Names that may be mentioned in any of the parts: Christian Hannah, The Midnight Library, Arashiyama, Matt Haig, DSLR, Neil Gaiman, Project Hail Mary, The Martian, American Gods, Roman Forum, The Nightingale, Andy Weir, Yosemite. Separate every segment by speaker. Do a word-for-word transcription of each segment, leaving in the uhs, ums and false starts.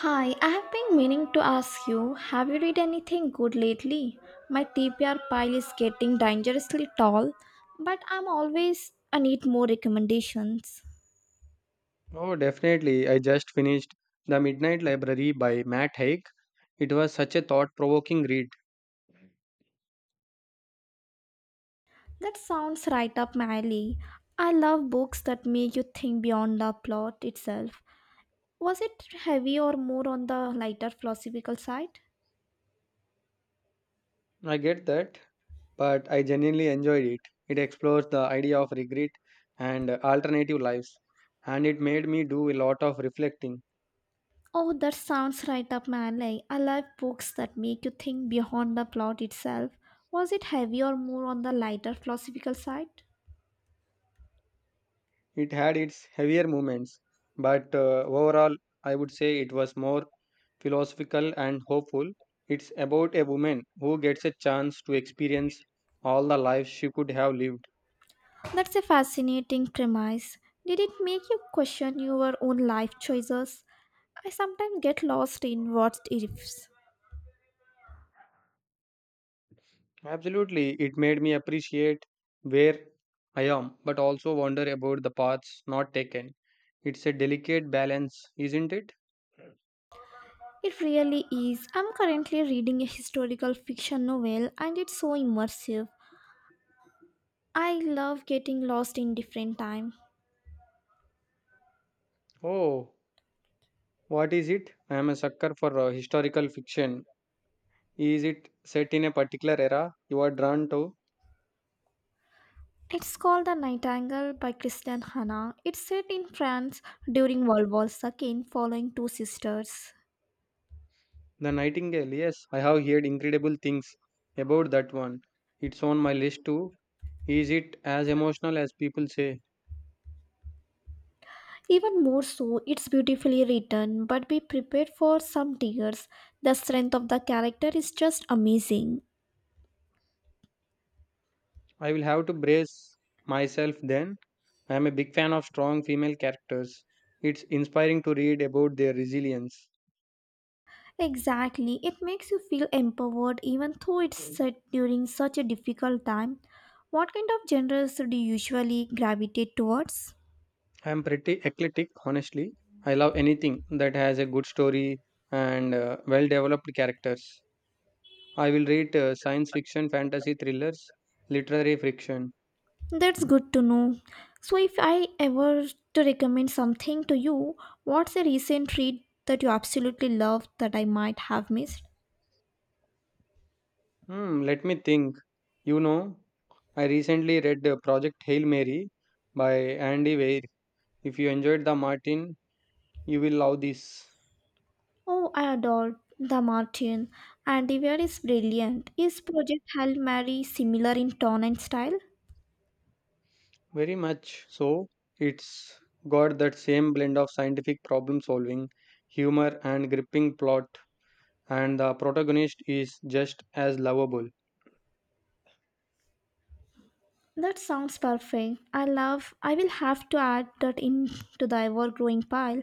Speaker 1: Hi, I have been meaning to ask you, have you read anything good lately? My T B R pile is getting dangerously tall, but I'm always I need more recommendations.
Speaker 2: Oh, definitely. I just finished The Midnight Library by Matt Haig. It was such a thought provoking read.
Speaker 1: That sounds right up my alley. I love books that make you think beyond the plot itself. Was it heavy or more on the lighter philosophical side?
Speaker 2: I get that, but I genuinely enjoyed it. It explores the idea of regret and alternative lives, and it made me do a lot of reflecting.
Speaker 1: Oh, that sounds right up my alley. I love books that make you think beyond the plot itself. Was it heavy or more on the lighter philosophical side?
Speaker 2: It had its heavier moments, but uh, overall, I would say it was more philosophical and hopeful. It's about a woman who gets a chance to experience all the lives she could have lived.
Speaker 1: That's a fascinating premise. Did it make you question your own life choices? I sometimes get lost in what ifs.
Speaker 2: Absolutely, it made me appreciate where I am, but also wonder about the paths not taken. It's a delicate balance, isn't it?
Speaker 1: It really is. I'm currently reading a historical fiction novel, and it's so immersive. I love getting lost in different time.
Speaker 2: Oh, what is it? I am a sucker for uh, historical fiction. Is it set in a particular era you are drawn to?
Speaker 1: It's called The Nightingale by Christian Hannah. It's set in France during World War two following two sisters.
Speaker 2: The Nightingale, yes, I have heard incredible things about that one. It's on my list too. Is it as emotional as people say?
Speaker 1: Even more so, it's beautifully written, but be prepared for some tears. The strength of the character is just amazing.
Speaker 2: I will have to brace myself then. I am a big fan of strong female characters. It's inspiring to read about their resilience.
Speaker 1: Exactly, it makes you feel empowered even though it's
Speaker 2: I
Speaker 1: set during such a difficult time. What kind of genres do you usually gravitate towards?
Speaker 2: am pretty eclectic, honestly. I love anything that has a good story and uh, well developed characters. I will read uh, science fiction, fantasy thrillers, literary fiction.
Speaker 1: That's good to know. So, if I ever to recommend something to you, what's a recent read that you absolutely love that I might have missed?
Speaker 2: Hmm, let me think. You know, I recently read uh, Project Hail Mary by Andy Weir. If you enjoyed The Martin, you will love this.
Speaker 1: Oh, I adore the Martian, and the wear is brilliant. Is Project Hail Mary similar in tone and style?
Speaker 2: Very much so. It's got that same blend of scientific problem solving, humor, and gripping plot, and the protagonist is just as lovable.
Speaker 1: That sounds perfect. I love. I will have to add that into the ever-growing pile.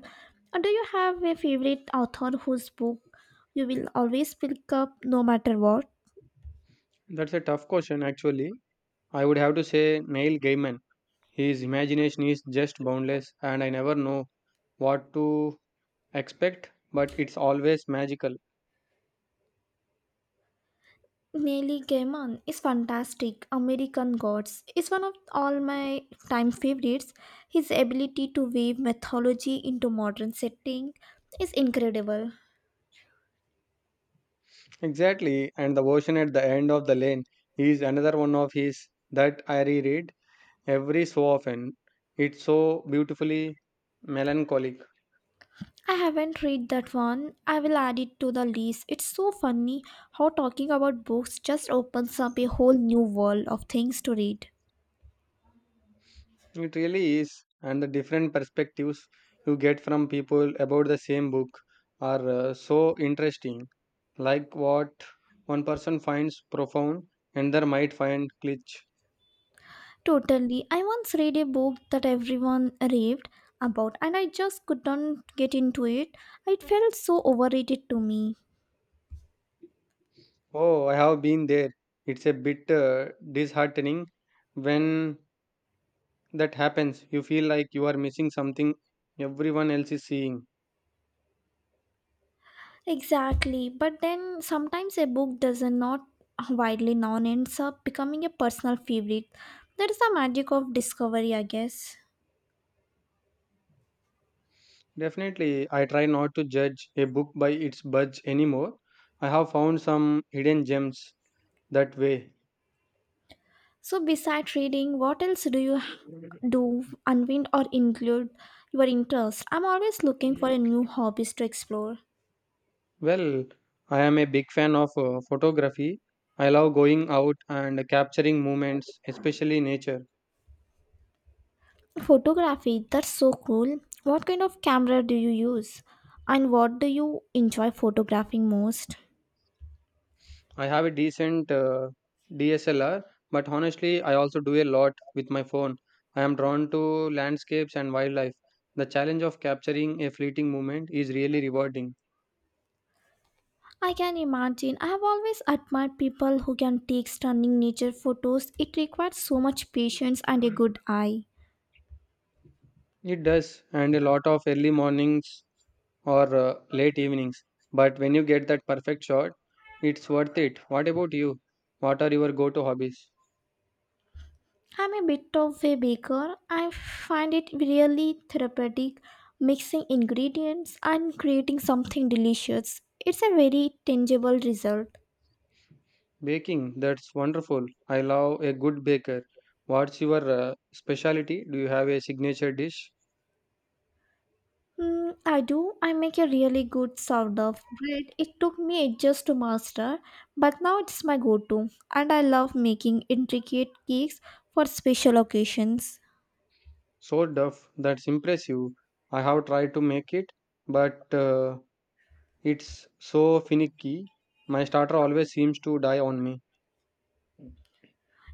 Speaker 1: Uh, Do you have a favorite author whose book you will always pick up no matter what?
Speaker 2: That's a tough question, actually. I would have to say Neil Gaiman. His imagination is just boundless, and I never know what to expect, but it's always magical.
Speaker 1: Neil Gaiman is fantastic. American Gods is one of all my time favorites. His ability to weave mythology into modern setting is incredible.
Speaker 2: Exactly, and the version at the end of the lane is another one of his that I reread every so often. It's so beautifully melancholic.
Speaker 1: I haven't read that one. I will add it to the list. It's so funny how talking about books just opens up a whole new world of things to read.
Speaker 2: It really is, and the different perspectives you get from people about the same book are uh, so interesting. Like what one person finds profound, another might find glitch.
Speaker 1: Totally. I once read a book that everyone raved about, and I just couldn't get into it. It felt so overrated to me.
Speaker 2: Oh, I have been there. It's a bit uh, disheartening when that happens. You feel like you are missing something everyone else is seeing.
Speaker 1: Exactly. But then sometimes a book does not widely known ends up becoming a personal favorite. That is the magic of discovery, I guess.
Speaker 2: Definitely, I try not to judge a book by its buds anymore. I have found some hidden gems that way.
Speaker 1: So, besides reading, what else do you h- do, unwind, or include your interest? I'm always looking for a new hobbies to explore.
Speaker 2: Well, I am a big fan of uh, photography. I love going out and capturing moments, especially nature.
Speaker 1: Photography, that's so cool. What kind of camera do you use? And what do you enjoy photographing most?
Speaker 2: I have a decent uh, D S L R, but honestly, I also do a lot with my phone. I am drawn to landscapes and wildlife. The challenge of capturing a fleeting moment is really rewarding.
Speaker 1: I can imagine. I have always admired people who can take stunning nature photos. It requires so much patience and a good eye.
Speaker 2: It does, and a lot of early mornings or uh, late evenings. But when you get that perfect shot, it's worth it. What about you? What are your go to hobbies?
Speaker 1: I'm a bit of a baker. I find it really therapeutic mixing ingredients and creating something delicious. It's a very tangible result.
Speaker 2: Baking, that's wonderful. I love a good baker. What's your uh, specialty? Do you have a signature dish?
Speaker 1: Mm, I do. I make a really good sourdough bread. It took me ages to master, but now it's my go to. And I love making intricate cakes for special occasions.
Speaker 2: So duff, that's impressive. I have tried to make it, but uh, it's so finicky. My starter always seems to die on me.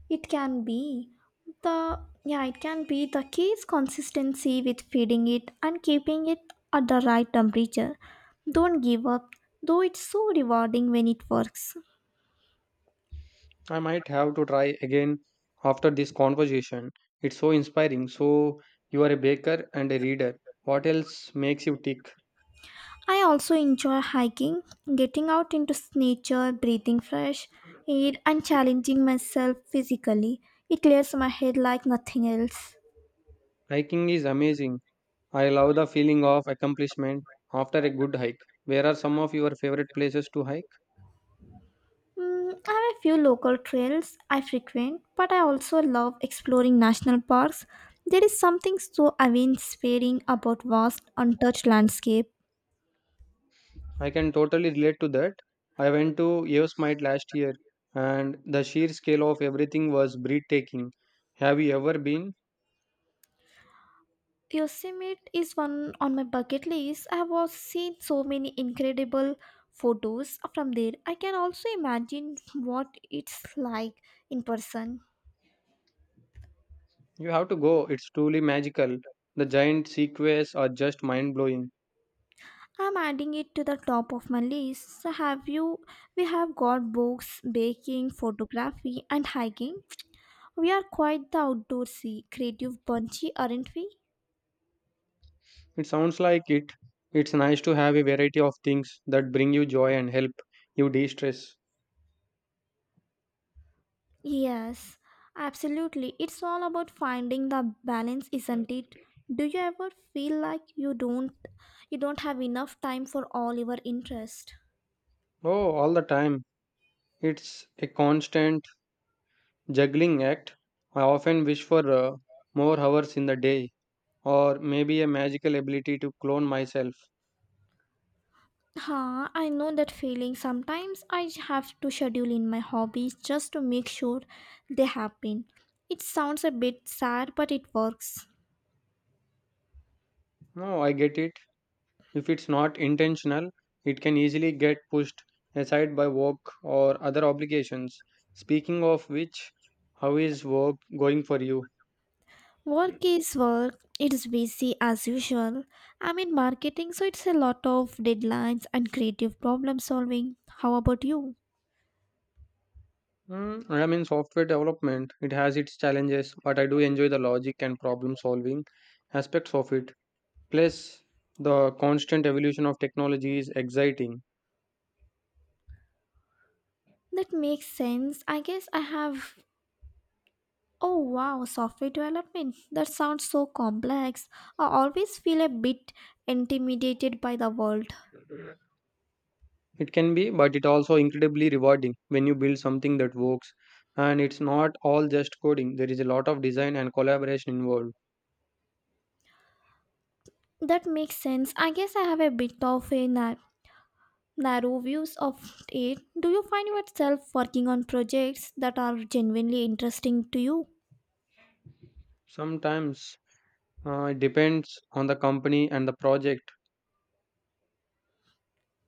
Speaker 1: It can be the yeah, it can be the key consistency with feeding it and keeping it at the right temperature. Don't give up, though it's so rewarding when it works.
Speaker 2: I might have to try again after this conversation. It's so inspiring. So, you are a baker and a reader. What else makes you tick?
Speaker 1: I also enjoy hiking, getting out into s- nature, breathing fresh air, and challenging myself physically. It clears my head like nothing else.
Speaker 2: Hiking is amazing. I love the feeling of accomplishment after a good hike. Where are some of your favorite places to hike?
Speaker 1: Mm, I have a few local trails I frequent, but I also love exploring national parks. There is something so awe-inspiring about vast, untouched landscape.
Speaker 2: I can totally relate to that. I went to Yosemite last year and the sheer scale of everything was breathtaking. Have you ever been?
Speaker 1: Yosemite is one on my bucket list. I have seen so many incredible photos from there. I can also imagine what it's like in person.
Speaker 2: You have to go. It's truly magical. The giant sequoias are just mind blowing.
Speaker 1: I'm adding it to the top of my list. So have you we have got books, baking, photography and hiking. We are quite the outdoorsy, creative bunchy, aren't we?
Speaker 2: It sounds like it. It's nice to have a variety of things that bring you joy and help you de stress.
Speaker 1: Yes, absolutely. It's all about finding the balance, isn't it? Do you ever feel like you don't you don't have enough time for all your interests?
Speaker 2: Oh, all the time. It's a constant juggling act. I often wish for uh, more hours in the day, or maybe a magical ability to clone myself.
Speaker 1: Huh, I know that feeling. Sometimes I have to schedule in my hobbies just to make sure they happen. It sounds a bit sad, but it works.
Speaker 2: No, I get it. If it's not intentional, it can easily get pushed aside by work or other obligations. Speaking of which, how is work going for you?
Speaker 1: Work is work. It's busy as usual. I'm in marketing, so it's a lot of deadlines and creative problem solving. How about you?
Speaker 2: Mm, I mean, software development, it has its challenges, but I do enjoy the logic and problem solving aspects of it. Plus, the constant evolution of technology is exciting.
Speaker 1: That makes sense. I guess I have. Oh wow, software development. That sounds so complex. I always feel a bit intimidated by the world.
Speaker 2: It can be, but it also incredibly rewarding when you build something that works. And it's not all just coding, there is a lot of design and collaboration involved.
Speaker 1: That makes sense. I guess I have a bit of a nar- narrow views of it. Do you find yourself working on projects that are genuinely interesting to you?
Speaker 2: Sometimes uh, it depends on the company and the project.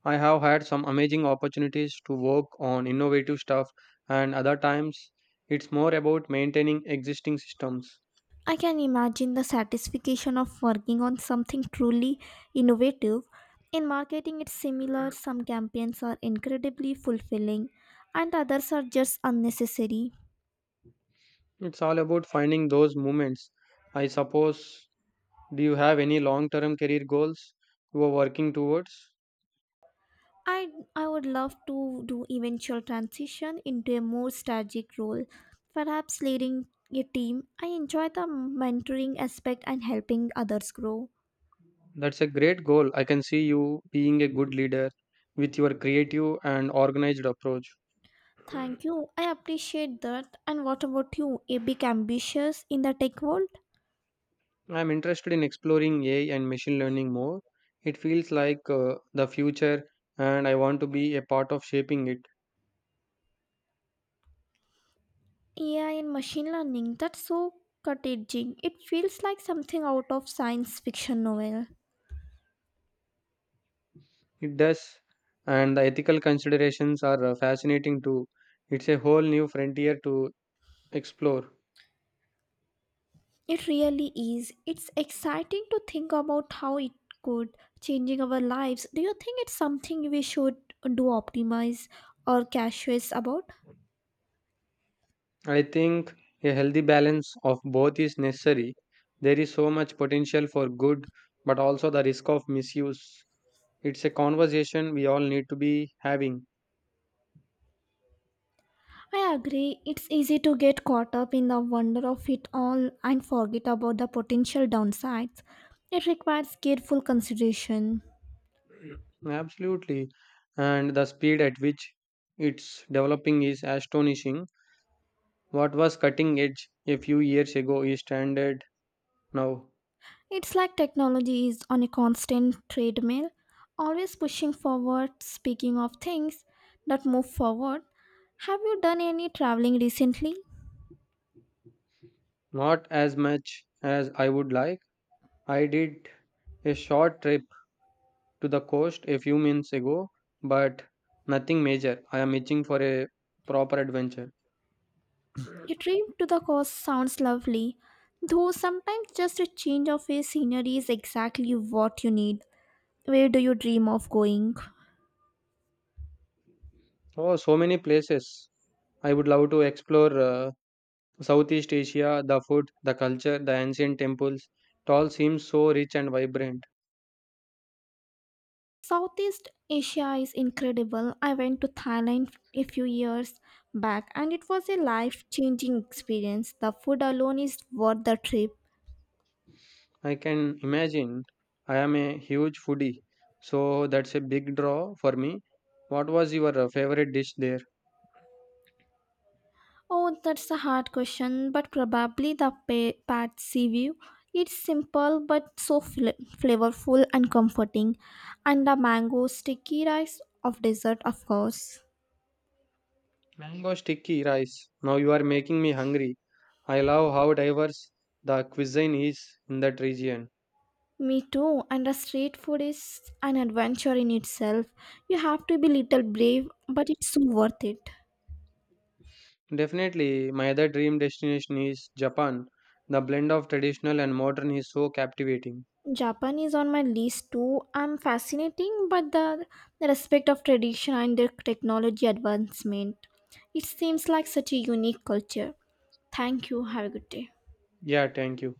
Speaker 2: I have had some amazing opportunities to work on innovative stuff, and other times it's more about maintaining existing systems.
Speaker 1: I can imagine the satisfaction of working on something truly innovative. In marketing, it's similar. Some campaigns are incredibly fulfilling, and others are just unnecessary.
Speaker 2: It's all about finding those moments. I suppose, do you have any long term career goals you are working towards?
Speaker 1: I, I would love to do eventual transition into a more strategic role, perhaps leading a team. I enjoy the mentoring aspect and helping others grow.
Speaker 2: That's a great goal. I can see you being a good leader with your creative and organized approach.
Speaker 1: Thank you. I appreciate that. And what about you? A big ambitious in the tech world?
Speaker 2: I'm interested in exploring A I and machine learning more. It feels like uh, the future, and I want to be a part of shaping it.
Speaker 1: A I and machine learning, that's so cutting. It feels like something out of science fiction novel.
Speaker 2: It does, and the ethical considerations are uh, fascinating too. It's a whole new frontier to explore.
Speaker 1: It really is. It's exciting to think about how it could changing our lives. Do you think it's something we should do optimize or cautious about?
Speaker 2: I think a healthy balance of both is necessary. There is so much potential for good, but also the risk of misuse. It's a conversation we all need to be having.
Speaker 1: I agree. It's easy to get caught up in the wonder of it all and forget about the potential downsides. It requires careful consideration.
Speaker 2: Absolutely. And the speed at which it's developing is astonishing. What was cutting edge a few years ago is standard now.
Speaker 1: It's like technology is on a constant treadmill, always pushing forward. Speaking of things that move forward, have you done any traveling recently?
Speaker 2: Not as much as I would like. I did a short trip to the coast a few months ago, but nothing major. I am itching for a proper adventure.
Speaker 1: A trip to the coast sounds lovely, though sometimes just a change of a scenery is exactly what you need. Where do you dream of going?
Speaker 2: Oh, so many places. I would love to explore uh, Southeast Asia, the food, the culture, the ancient temples. It all seems so rich and vibrant.
Speaker 1: Southeast Asia is incredible. I went to Thailand a few years back, and it was a life changing experience. The food alone is worth the trip.
Speaker 2: I can imagine. I am a huge foodie, so that's a big draw for me. What was your uh, favorite dish there?
Speaker 1: Oh, that's a hard question, but probably the pa- Patsy view. It's simple but so fl- flavorful and comforting. And the mango sticky rice of dessert, of course.
Speaker 2: Mango sticky rice. Now you are making me hungry. I love how diverse the cuisine is in that region.
Speaker 1: Me too, and the street food is an adventure in itself. You have to be little brave, but it's so worth it.
Speaker 2: Definitely, my other dream destination is Japan. The blend of traditional and modern is so captivating.
Speaker 1: Japan is on my list too. I'm fascinating, but the, the respect of tradition and their technology advancement. It seems like such a unique culture. Thank you. Have a good day.
Speaker 2: Yeah, thank you.